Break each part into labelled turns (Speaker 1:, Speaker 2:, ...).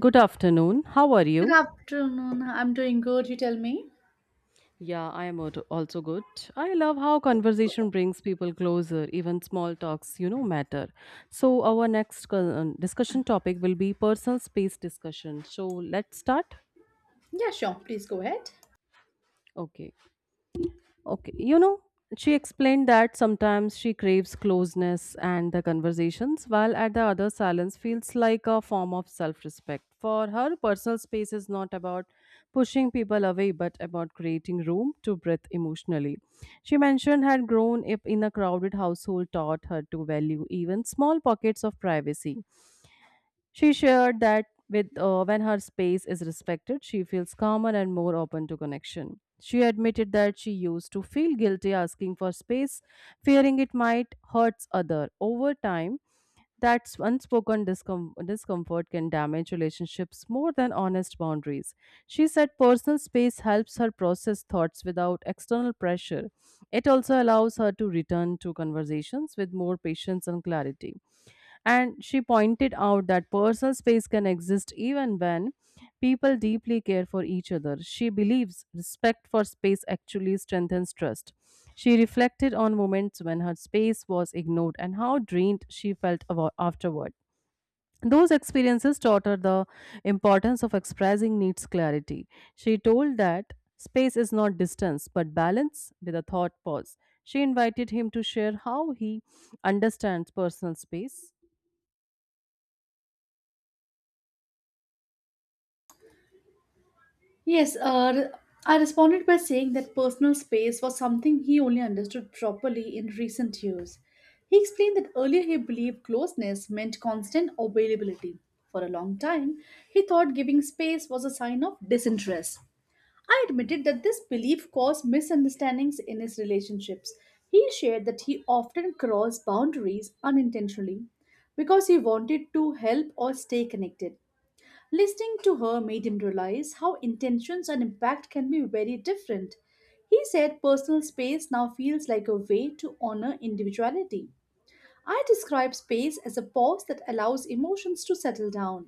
Speaker 1: Good afternoon. How are
Speaker 2: Good
Speaker 1: you?
Speaker 2: afternoon. I'm doing good. You tell me.
Speaker 1: Yeah, I am also good. I love how conversation brings people closer, even small talks, you know, matter. So, our next discussion topic will be personal space discussion. So, let's start.
Speaker 2: Yeah, sure. Please go ahead.
Speaker 1: Okay. Okay, you know, she explained that sometimes she craves closeness and the conversations, while at the other, silence feels like a form of self respect. For her, personal space is not about pushing people away, but about creating room to breathe emotionally. She mentioned had grown up in a crowded household taught her to value even small pockets of privacy. She shared that with when her space is respected, she feels calmer and more open to connection. She admitted that she used to feel guilty asking for space, fearing it might hurt other. Over time, that unspoken discomfort can damage relationships more than honest boundaries. She said personal space helps her process thoughts without external pressure. It also allows her to return to conversations with more patience and clarity. And she pointed out that personal space can exist even when people deeply care for each other. She believes respect for space actually strengthens trust. She reflected on moments when her space was ignored and how drained she felt afterward. Those experiences taught her the importance of expressing needs clarity. She told that space is not distance but balance with a thought pause. She invited him to share how he understands personal space.
Speaker 2: Yes, uh, I responded by saying that personal space was something he only understood properly in recent years. He explained that earlier he believed closeness meant constant availability. For a long time, he thought giving space was a sign of disinterest. I admitted that this belief caused misunderstandings in his relationships. He shared that he often crossed boundaries unintentionally because he wanted to help or stay connected. Listening to her made him realize how intentions and impact can be very different. He said personal space now feels like a way to honor individuality. I describe space as a pause that allows emotions to settle down.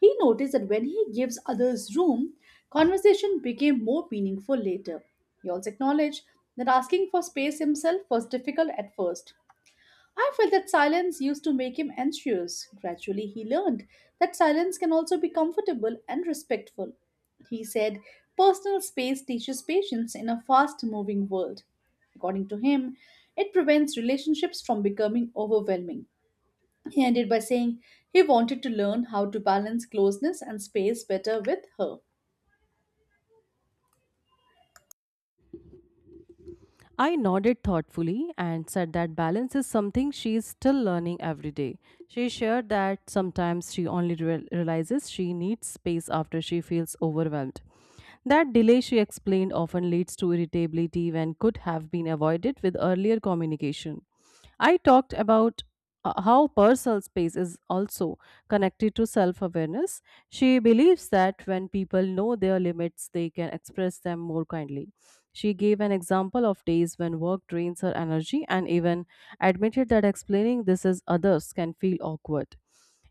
Speaker 2: He noticed that when he gives others room, conversation became more meaningful later. He also acknowledged that asking for space himself was difficult at first. I felt that silence used to make him anxious. Gradually, he learned that silence can also be comfortable and respectful. He said, Personal space teaches patience in a fast moving world. According to him, it prevents relationships from becoming overwhelming. He ended by saying he wanted to learn how to balance closeness and space better with her.
Speaker 1: I nodded thoughtfully and said that balance is something she is still learning every day. She shared that sometimes she only realizes she needs space after she feels overwhelmed. That delay, she explained, often leads to irritability when could have been avoided with earlier communication. I talked about how personal space is also connected to self awareness. She believes that when people know their limits, they can express them more kindly. She gave an example of days when work drains her energy and even admitted that explaining this is others can feel awkward.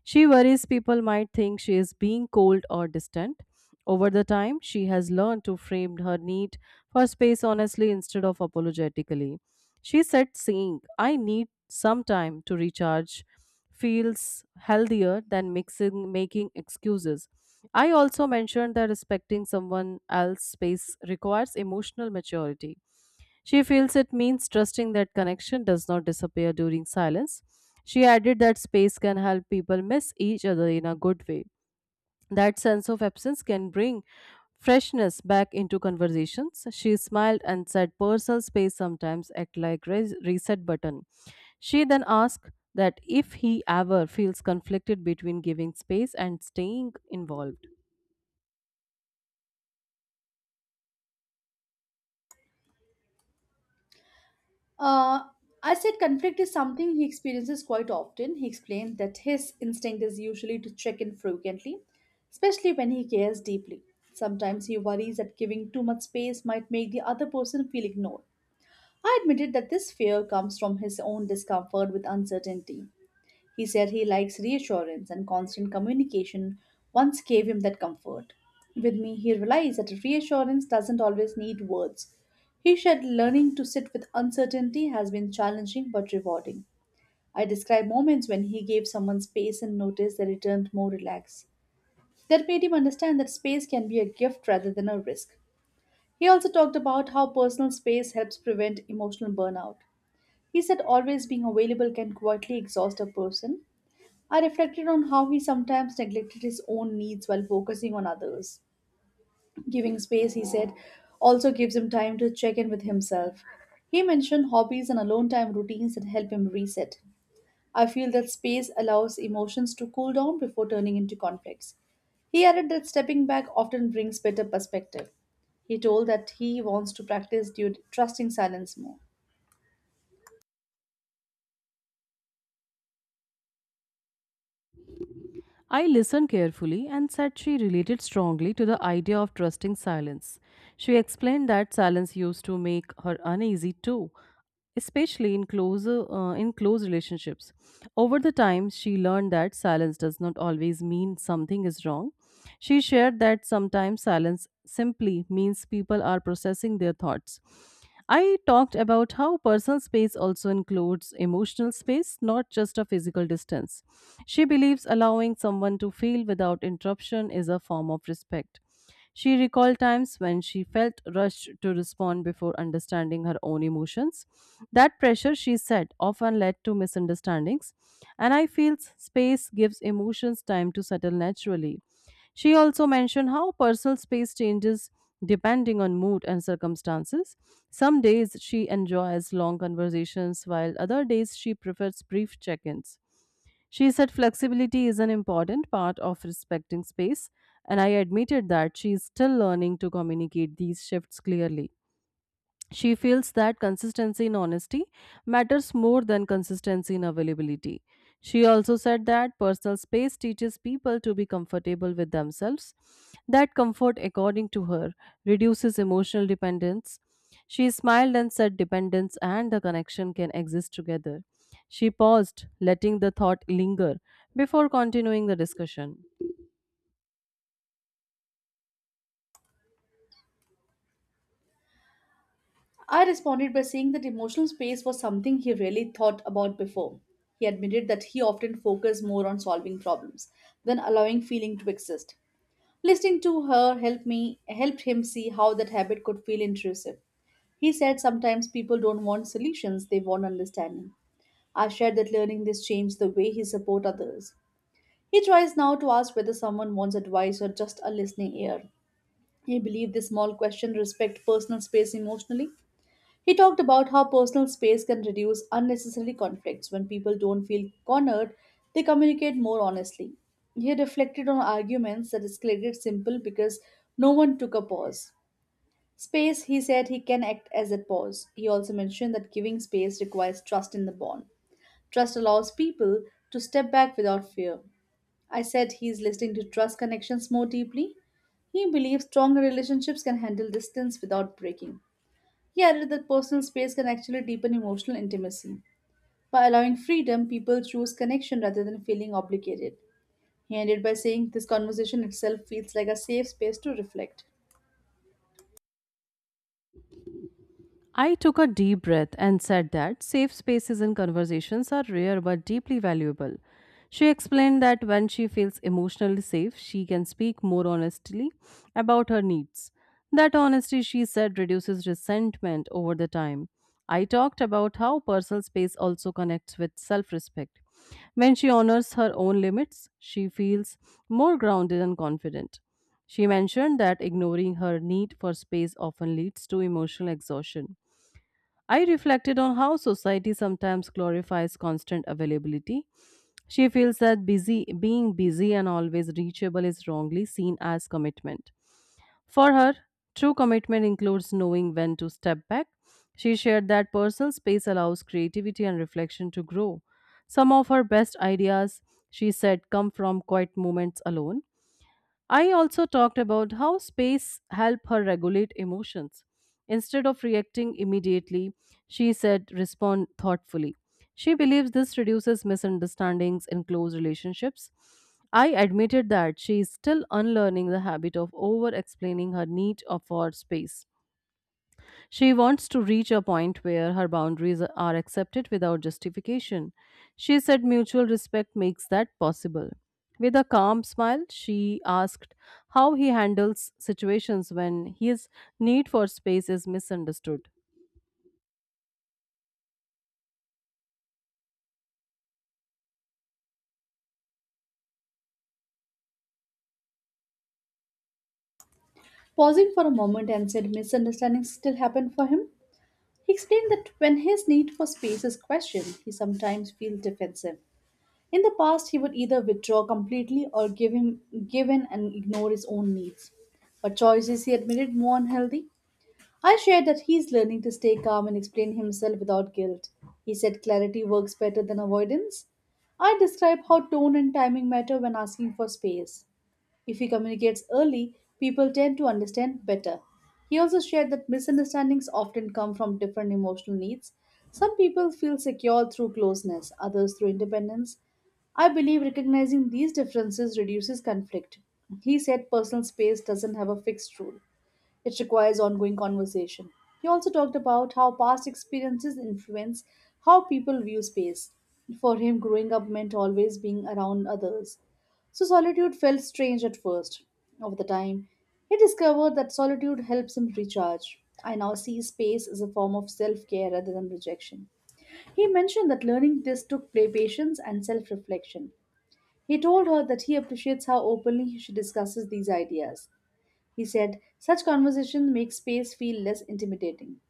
Speaker 1: She worries people might think she is being cold or distant. Over the time, she has learned to frame her need for space honestly instead of apologetically. She said, saying, I need some time to recharge, feels healthier than mixing, making excuses. I also mentioned that respecting someone else's space requires emotional maturity. She feels it means trusting that connection does not disappear during silence. She added that space can help people miss each other in a good way. That sense of absence can bring freshness back into conversations. She smiled and said personal space sometimes act like reset button. She then asked that if he ever feels conflicted between giving space and staying involved.
Speaker 2: Uh, I said conflict is something he experiences quite often. He explained that his instinct is usually to check in frequently, especially when he cares deeply. Sometimes he worries that giving too much space might make the other person feel ignored. I admitted that this fear comes from his own discomfort with uncertainty. He said he likes reassurance and constant communication once gave him that comfort. With me, he realized that reassurance doesn't always need words. He shared learning to sit with uncertainty has been challenging but rewarding. I described moments when he gave someone space and noticed they returned more relaxed. That made him understand that space can be a gift rather than a risk. He also talked about how personal space helps prevent emotional burnout. He said always being available can quietly exhaust a person, I reflected on how he sometimes neglected his own needs while focusing on others. Giving space, he said, also gives him time to check in with himself. He mentioned hobbies and alone time routines that help him reset. I feel that space allows emotions to cool down before turning into conflicts. He added that stepping back often brings better perspective. He told that he wants to practice due trusting silence more.
Speaker 1: I listened carefully and said she related strongly to the idea of trusting silence. She explained that silence used to make her uneasy too, especially in close relationships. Over the time, she learned that silence does not always mean something is wrong. She shared that sometimes silence simply means people are processing their thoughts. I talked about how personal space also includes emotional space, not just a physical distance. She believes allowing someone to feel without interruption is a form of respect. She recalled times when she felt rushed to respond before understanding her own emotions. That pressure, she said, often led to misunderstandings, and I feel space gives emotions time to settle naturally. She also mentioned how personal space changes depending on mood and circumstances. Some days she enjoys long conversations, while other days she prefers brief check ins. She said flexibility is an important part of respecting space, and I admitted that she is still learning to communicate these shifts clearly. She feels that consistency in honesty matters more than consistency in availability. She also said that personal space teaches people to be comfortable with themselves. That comfort, according to her, reduces emotional dependence. She smiled and said dependence and the connection can exist together. She paused, letting the thought linger before continuing the discussion.
Speaker 2: I responded by saying that emotional space was something he really thought about before. He admitted that he often focused more on solving problems than allowing feeling to exist. Listening to her helped him see how that habit could feel intrusive. He said sometimes people don't want solutions, they want understanding. I shared that learning this changed the way he support others. He tries now to ask whether someone wants advice or just a listening ear. He believed this small question respect personal space emotionally. He talked about how personal space can reduce unnecessary conflicts when people don't feel cornered, they communicate more honestly. He reflected on arguments that escalated simple because no one took a pause. Space, he said, he can act as a pause. He also mentioned that giving space requires trust in the bond. Trust allows people to step back without fear. I said he is listening to trust connections more deeply. He believes stronger relationships can handle distance without breaking. Yet, that personal space can actually deepen emotional intimacy. By allowing freedom, people choose connection rather than feeling obligated. He ended by saying, This conversation itself feels like a safe space to reflect.
Speaker 1: I took a deep breath and said that safe spaces in conversations are rare but deeply valuable. She explained that when she feels emotionally safe, she can speak more honestly about her needs. That honesty, she said, reduces resentment over the time. I talked about how personal space also connects with self respect. When she honors her own limits, she feels more grounded and confident. She mentioned that ignoring her need for space often leads to emotional exhaustion. I reflected on how society sometimes glorifies constant availability. She feels that busy being busy and always reachable is wrongly seen as commitment. For her, true commitment includes knowing when to step back. She shared that personal space allows creativity and reflection to grow. Some of her best ideas, she said, come from quiet moments alone. I also talked about how space helped her regulate emotions. Instead of reacting immediately, she said respond thoughtfully. She believes this reduces misunderstandings in close relationships. I admitted that she is still unlearning the habit of over explaining her need of for space. She wants to reach a point where her boundaries are accepted without justification. She said mutual respect makes that possible. With a calm smile, she asked how he handles situations when his need for space is misunderstood.
Speaker 2: Pausing for a moment and said misunderstandings still happen for him, he explained that when his need for space is questioned, he sometimes feels defensive. In the past, he would either withdraw completely or give in and ignore his own needs. But choices he admitted more unhealthy. I shared that he's learning to stay calm and explain himself without guilt. He said clarity works better than avoidance. I describe how tone and timing matter when asking for space. If he communicates early, people tend to understand better. He also shared that misunderstandings often come from different emotional needs. Some people feel secure through closeness, others through independence. I believe recognizing these differences reduces conflict. He said personal space doesn't have a fixed rule. It requires ongoing conversation. He also talked about how past experiences influence how people view space. For him, growing up meant always being around others. So solitude felt strange at first. Over the time, he discovered that solitude helps him recharge. I now see space as a form of self care rather than rejection. He mentioned that learning this took play patience and self reflection. He told her that he appreciates how openly she discusses these ideas. He said, such conversations make space feel less intimidating.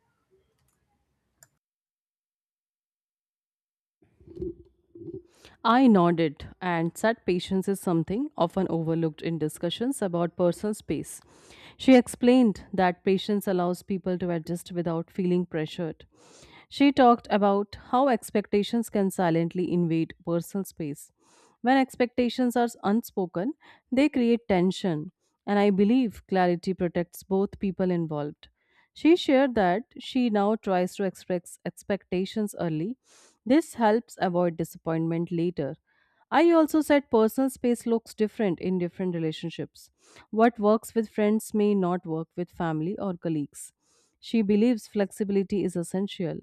Speaker 1: I nodded, and said, patience is something often overlooked in discussions about personal space. She explained that patience allows people to adjust without feeling pressured. She talked about how expectations can silently invade personal space. When expectations are unspoken, they create tension, and I believe clarity protects both people involved. She shared that she now tries to express expectations early. This helps avoid disappointment later. I also said personal space looks different in different relationships. What works with friends may not work with family or colleagues. She believes flexibility is essential.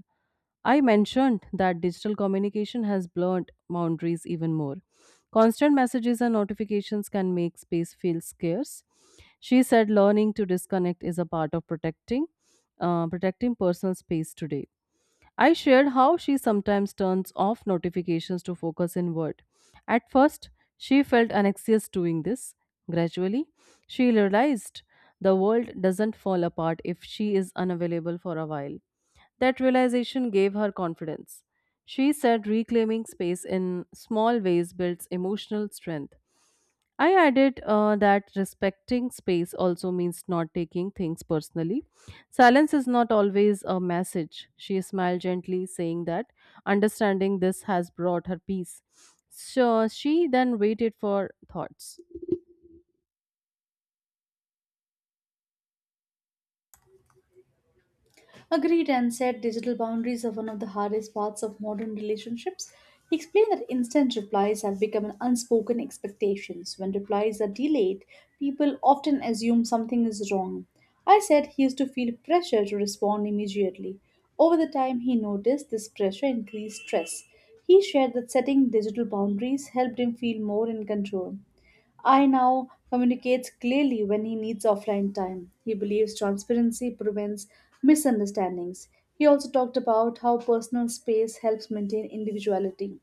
Speaker 1: I mentioned that digital communication has blurred boundaries even more. Constant messages and notifications can make space feel scarce. She said learning to disconnect is a part of protecting personal space today. I shared how she sometimes turns off notifications to focus inward. At first, she felt anxious doing this. Gradually, she realized the world doesn't fall apart if she is unavailable for a while. That realization gave her confidence. She said reclaiming space in small ways builds emotional strength. I added that respecting space also means not taking things personally. Silence is not always a message. She smiled gently, saying that understanding this has brought her peace. So she then waited for thoughts.
Speaker 2: Agreed and said digital boundaries are one of the hardest parts of modern relationships. He explained that instant replies have become an unspoken expectations. When replies are delayed, people often assume something is wrong. I said he used to feel pressure to respond immediately. Over the time, he noticed this pressure increased stress. He shared that setting digital boundaries helped him feel more in control. I now communicates clearly when he needs offline time. He believes transparency prevents misunderstandings. He also talked about how personal space helps maintain individuality.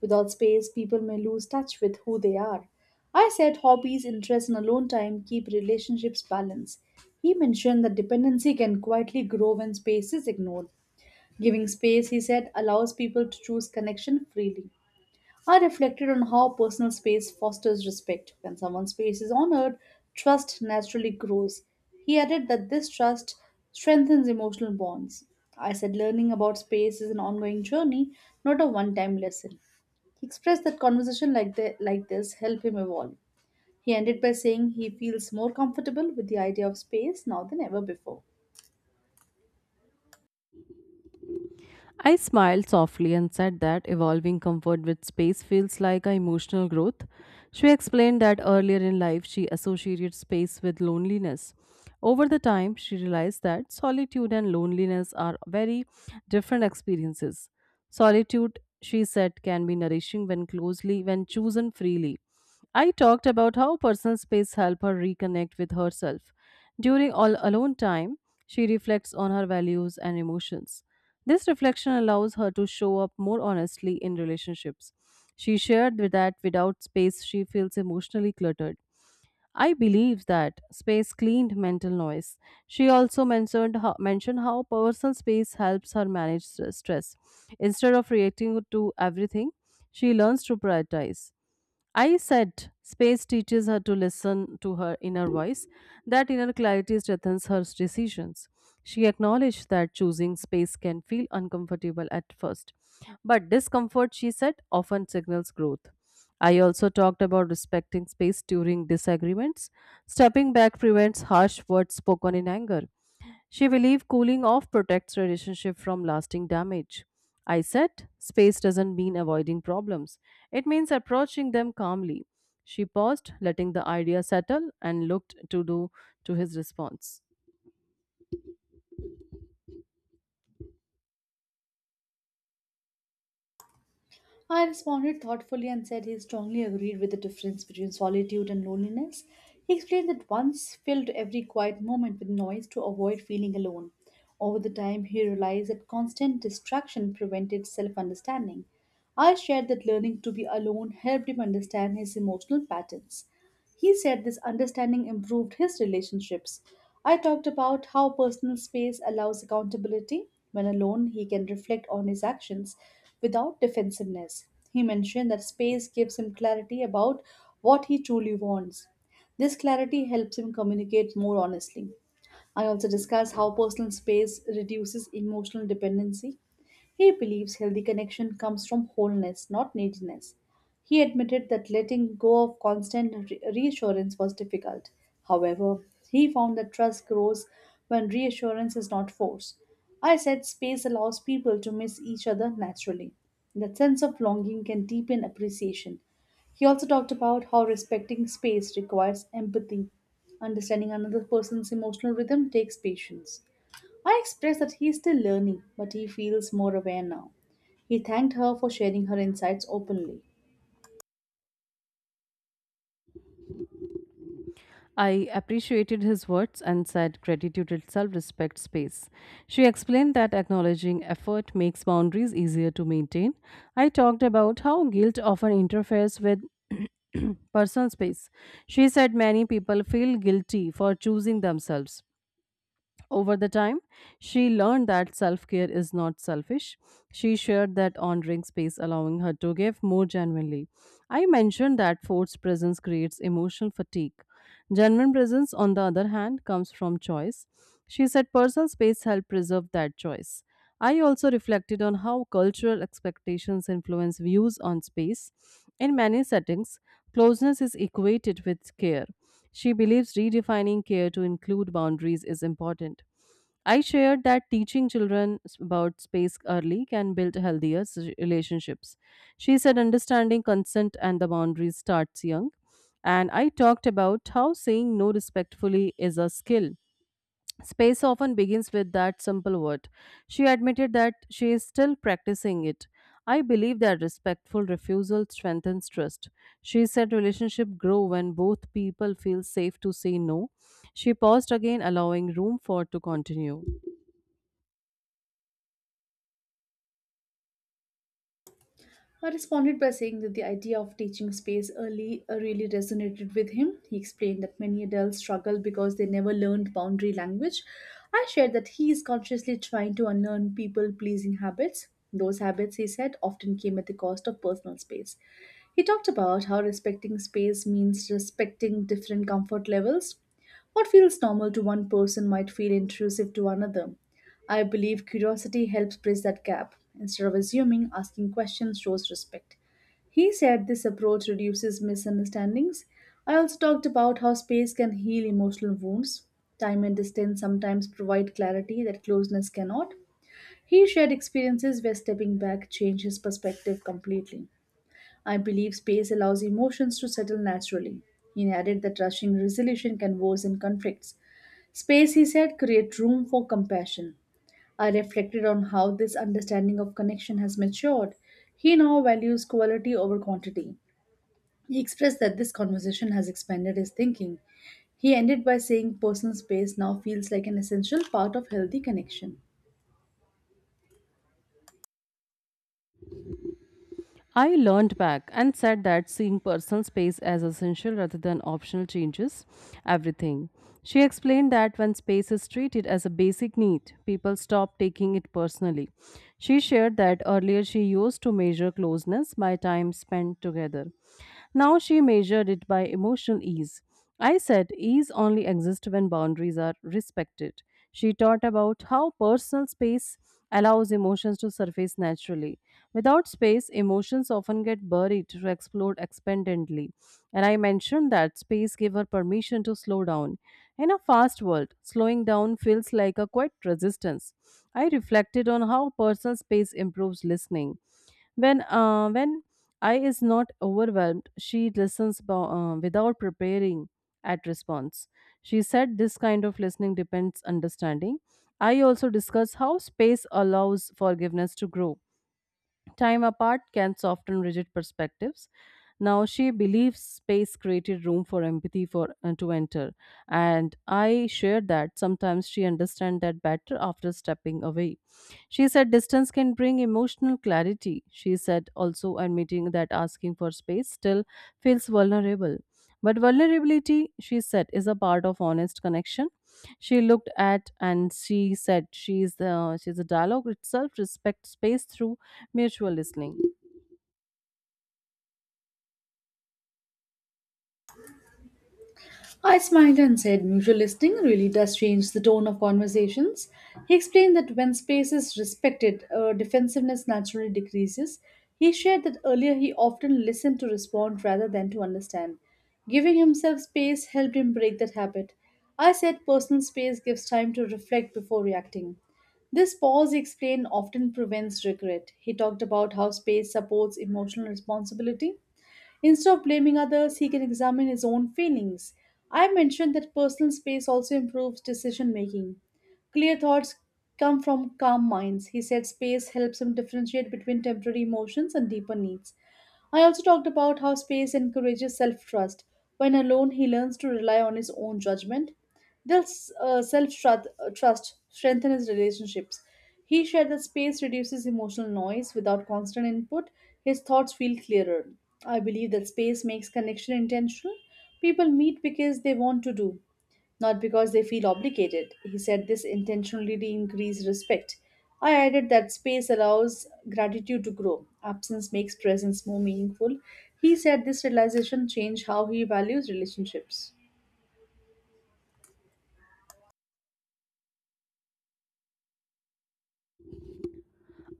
Speaker 2: Without space, people may lose touch with who they are. I said hobbies, interests, and alone time keep relationships balanced. He mentioned that dependency can quietly grow when space is ignored. Giving space, he said, allows people to choose connection freely. I reflected on how personal space fosters respect. When someone's space is honored, trust naturally grows. He added that this trust strengthens emotional bonds. I said learning about space is an ongoing journey, not a one-time lesson. He expressed that conversation like this help him evolve. He ended by saying he feels more comfortable with the idea of space now than ever before.
Speaker 1: I smiled softly and said that evolving comfort with space feels like a emotional growth. She explained that earlier in life she associated space with loneliness. Over the time, she realized that solitude and loneliness are very different experiences. Solitude, she said, can be nourishing when closely, when chosen freely. I talked about how personal space helped her reconnect with herself. During all alone time, she reflects on her values and emotions. This reflection allows her to show up more honestly in relationships. She shared with that without space, she feels emotionally cluttered. I believe that space cleaned mental noise. She also mentioned how personal space helps her manage stress. Instead of reacting to everything, she learns to prioritize. I said space teaches her to listen to her inner voice. That inner clarity strengthens her decisions. She acknowledged that choosing space can feel uncomfortable at first, but discomfort, she said, often signals growth. I also talked about respecting space during disagreements. Stepping back prevents harsh words spoken in anger. She believed cooling off protects relationship from lasting damage. I said, space doesn't mean avoiding problems. It means approaching them calmly. She paused, letting the idea settle, and looked to do to his response.
Speaker 2: I responded thoughtfully and said he strongly agreed with the difference between solitude and loneliness. He explained that once filled every quiet moment with noise to avoid feeling alone. Over the time, he realized that constant distraction prevented self understanding. I shared that learning to be alone helped him understand his emotional patterns. He said this understanding improved his relationships. I talked about how personal space allows accountability. When alone, he can reflect on his actions without defensiveness. He mentioned that space gives him clarity about what he truly wants. This clarity helps him communicate more honestly. I also discuss how personal space reduces emotional dependency. He believes healthy connection comes from wholeness, not neediness. He admitted that letting go of constant reassurance was difficult. However, he found that trust grows when reassurance is not forced. I said space allows people to miss each other naturally. That sense of longing can deepen appreciation. He also talked about how respecting space requires empathy. Understanding another person's emotional rhythm takes patience. I expressed that he is still learning, but he feels more aware now. He thanked her for sharing her insights openly.
Speaker 1: I appreciated his words and said gratitude itself respects space. She explained that acknowledging effort makes boundaries easier to maintain. I talked about how guilt often interferes with personal space. She said many people feel guilty for choosing themselves. Over the time, she learned that self care is not selfish. She shared that honoring space, allowing her to give more genuinely. I mentioned that forced presence creates emotional fatigue. Genuine presence, on the other hand, comes from choice. She said personal space helped preserve that choice. I also reflected on how cultural expectations influence views on space. In many settings, closeness is equated with care. She believes redefining care to include boundaries is important. I shared that teaching children about space early can build healthier relationships. She said understanding consent and the boundaries starts young. And I talked about how saying no respectfully is a skill. Space often begins with that simple word. She admitted that she is still practicing it. I believe that respectful refusal strengthens trust. She said relationships grow when both people feel safe to say no. She paused again, allowing room for to continue.
Speaker 2: I responded by saying that the idea of teaching space early really resonated with him. He explained that many adults struggle because they never learned boundary language. I shared that he is consciously trying to unlearn people pleasing habits. Those habits, he said, often came at the cost of personal space. He talked about how respecting space means respecting different comfort levels. What feels normal to one person might feel intrusive to another. I believe curiosity helps bridge that gap. Instead of assuming, asking questions shows respect. He said this approach reduces misunderstandings. I also talked about how space can heal emotional wounds. Time and distance sometimes provide clarity that closeness cannot. He shared experiences where stepping back changed his perspective completely. I believe space allows emotions to settle naturally. He added that rushing resolution can worsen conflicts. Space, he said, create room for compassion. I reflected on how this understanding of connection has matured. He now values quality over quantity. He expressed that this conversation has expanded his thinking. He ended by saying personal space now feels like an essential part of healthy connection.
Speaker 1: I learned back and said that seeing personal space as essential rather than optional changes everything. She explained that when space is treated as a basic need, people stop taking it personally. She shared that earlier she used to measure closeness by time spent together. Now she measured it by emotional ease. I said ease only exists when boundaries are respected. She taught about how personal space allows emotions to surface naturally. Without space, emotions often get buried to explode expendently. And I mentioned that space gave her permission to slow down. In a fast world, slowing down feels like a quiet resistance. I reflected on how personal space improves listening. When I is not overwhelmed, she listens without preparing at response. She said this kind of listening depends understanding. I also discuss how space allows forgiveness to grow. Time apart can soften rigid perspectives. Now she believes space created room for empathy for to enter, and I share that. Sometimes she understands that better after stepping away. She said distance can bring emotional clarity. She said also admitting that asking for space still feels vulnerable. But vulnerability, she said, is a part of honest connection. She looked at and she said she's a dialogue itself, respect space through mutual listening.
Speaker 2: I smiled and said mutual listening really does change the tone of conversations. He explained that when space is respected, defensiveness naturally decreases. He shared that earlier he often listened to respond rather than to understand. Giving himself space helped him break that habit. I said personal space gives time to reflect before reacting. This pause, he explained, often prevents regret. He talked about how space supports emotional responsibility. Instead of blaming others, he can examine his own feelings. I mentioned that personal space also improves decision making. Clear thoughts come from calm minds. He said space helps him differentiate between temporary emotions and deeper needs. I also talked about how space encourages self trust. When alone, he learns to rely on his own judgment. Dill's self trust strengthens relationships. He shared that space reduces emotional noise without constant input. His thoughts feel clearer. I believe that space makes connection intentional. People meet because they want to do, not because they feel obligated. He said this intentionally increased respect. I added that space allows gratitude to grow. Absence makes presence more meaningful. He said this realization changed how he values relationships.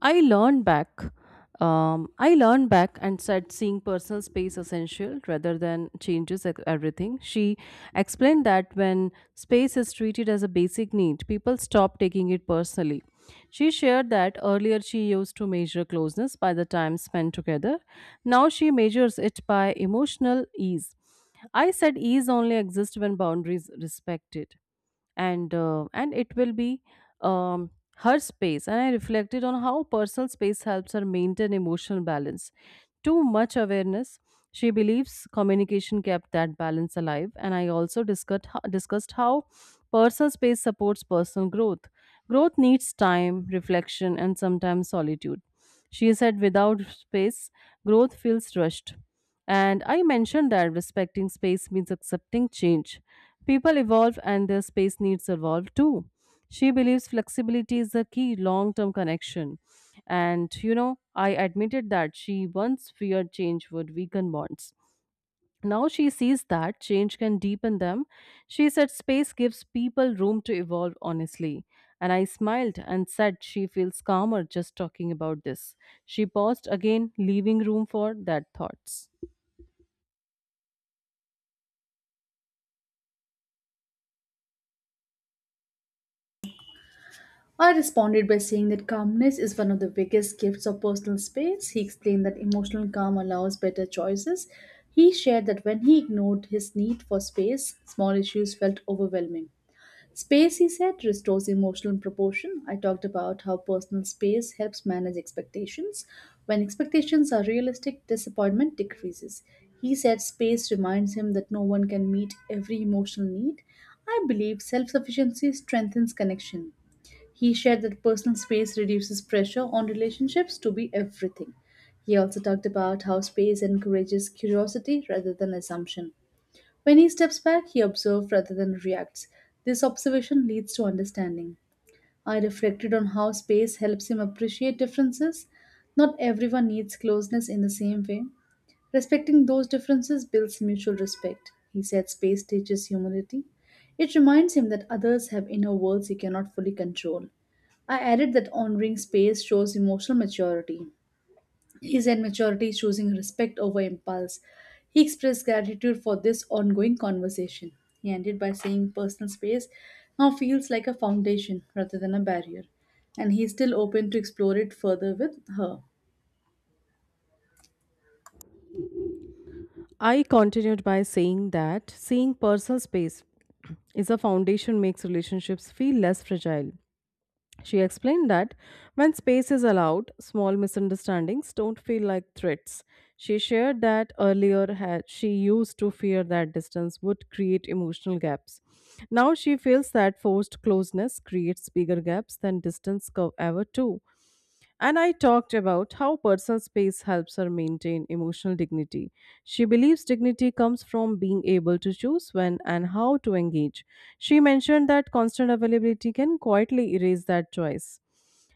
Speaker 1: I learned back um, i learned back and said seeing personal space essential rather than changes everything. She explained that when space is treated as a basic need, people stop taking it personally. She shared that earlier she used to measure closeness by the time spent together. Now she measures it by emotional ease. I said ease only exists when boundaries respected. And it will be um, her space, and I reflected on how personal space helps her maintain emotional balance. Too much awareness, she believes communication kept that balance alive. And I also discussed how personal space supports personal growth. Growth needs time, reflection, and sometimes solitude. She said without space, growth feels rushed. And I mentioned that respecting space means accepting change. People evolve and their space needs evolve too. She believes flexibility is the key long term connection. I admitted that she once feared change would weaken bonds. Now she sees that change can deepen them. She said space gives people room to evolve honestly. And I smiled and said she feels calmer just talking about this. She paused again, leaving room for that thoughts.
Speaker 2: I responded by saying that calmness is one of the biggest gifts of personal space. He explained that emotional calm allows better choices. He shared that when he ignored his need for space, small issues felt overwhelming. Space, he said, restores emotional proportion. I talked about how personal space helps manage expectations. When expectations are realistic, disappointment decreases. He said space reminds him that no one can meet every emotional need. I believe self sufficiency strengthens connection. He shared that personal space reduces pressure on relationships to be everything. He also talked about how space encourages curiosity rather than assumption. When he steps back, he observes rather than reacts. This observation leads to understanding. I reflected on how space helps him appreciate differences. Not everyone needs closeness in the same way. Respecting those differences builds mutual respect. He said space teaches humility. It reminds him that others have inner worlds he cannot fully control. I added that honoring space shows emotional maturity. His own maturity is choosing respect over impulse. He expressed gratitude for this ongoing conversation. He ended by saying personal space now feels like a foundation rather than a barrier, and he is still open to explore it further with her.
Speaker 1: I continued by saying that seeing personal space is a foundation makes relationships feel less fragile. She explained that when space is allowed, small misunderstandings don't feel like threats. She shared that earlier had, she used to fear that distance would create emotional gaps. Now she feels that forced closeness creates bigger gaps than distance ever do. And I talked about how personal space helps her maintain emotional dignity. She believes dignity comes from being able to choose when and how to engage. She mentioned that constant availability can quietly erase that choice.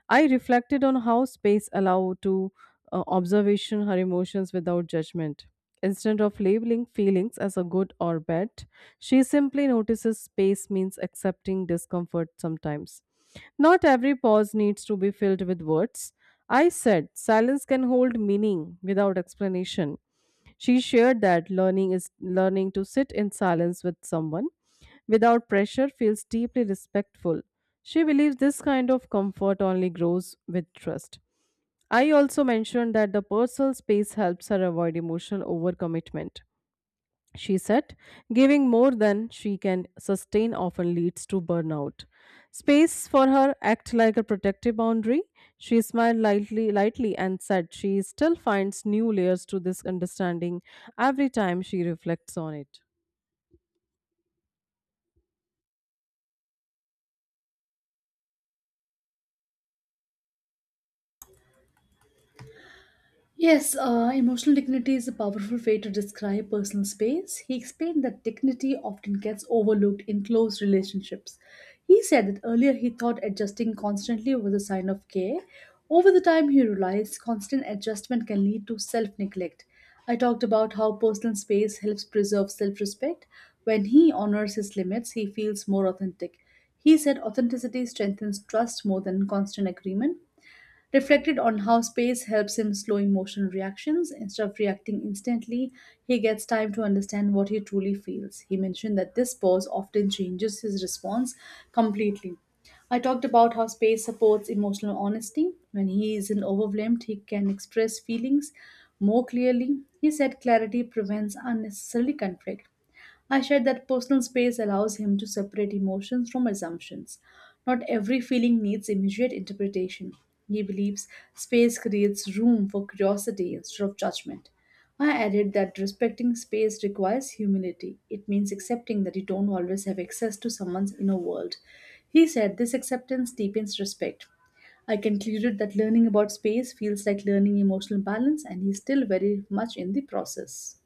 Speaker 1: I reflected on how space allowed to observation her emotions without judgment. Instead of labeling feelings as a good or bad, she simply notices space means accepting discomfort sometimes. Not every pause needs to be filled with words. I said silence can hold meaning without explanation. She shared that learning is learning to sit in silence with someone without pressure feels deeply respectful. She believes this kind of comfort only grows with trust. I also mentioned that the personal space helps her avoid emotional overcommitment. She said, giving more than she can sustain often leads to burnout. Space for her act like a protective boundary. She smiled lightly and said she still finds new layers to this understanding every time she reflects on it.
Speaker 2: Yes, emotional dignity is a powerful way to describe personal space. He explained that dignity often gets overlooked in close relationships. He said that earlier he thought adjusting constantly was a sign of care. Over the time, he realized constant adjustment can lead to self neglect. I talked about how personal space helps preserve self respect. When he honors his limits, he feels more authentic. He said authenticity strengthens trust more than constant agreement. Reflected on how space helps him slow emotional reactions, instead of reacting instantly, he gets time to understand what he truly feels. He mentioned that this pause often changes his response completely. I talked about how space supports emotional honesty. When he isn't overwhelmed, he can express feelings more clearly. He said clarity prevents unnecessary conflict. I shared that personal space allows him to separate emotions from assumptions. Not every feeling needs immediate interpretation. He believes space creates room for curiosity instead of judgment. I added that respecting space requires humility. It means accepting that you don't always have access to someone's inner world. He said this acceptance deepens respect. I concluded that learning about space feels like learning emotional balance, and he's still very much in the process.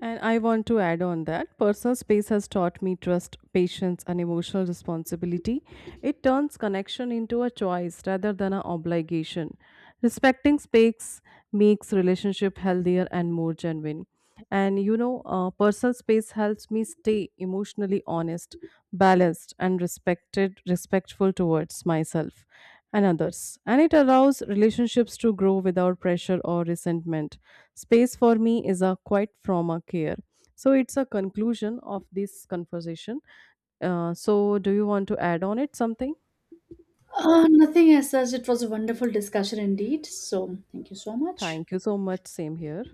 Speaker 1: And I want to add on that personal space has taught me trust, patience, and emotional responsibility. It turns connection into a choice rather than an obligation. Respecting space makes relationship healthier and more genuine. Personal space helps me stay emotionally honest, balanced, and respectful towards myself and others. And it allows relationships to grow without pressure or resentment. Space for me is a quiet trauma care. So it's a conclusion of this conversation. So, do you want to add on it something?
Speaker 2: Nothing as such. It was a wonderful discussion indeed. So, thank you so much.
Speaker 1: Thank you so much. Same here.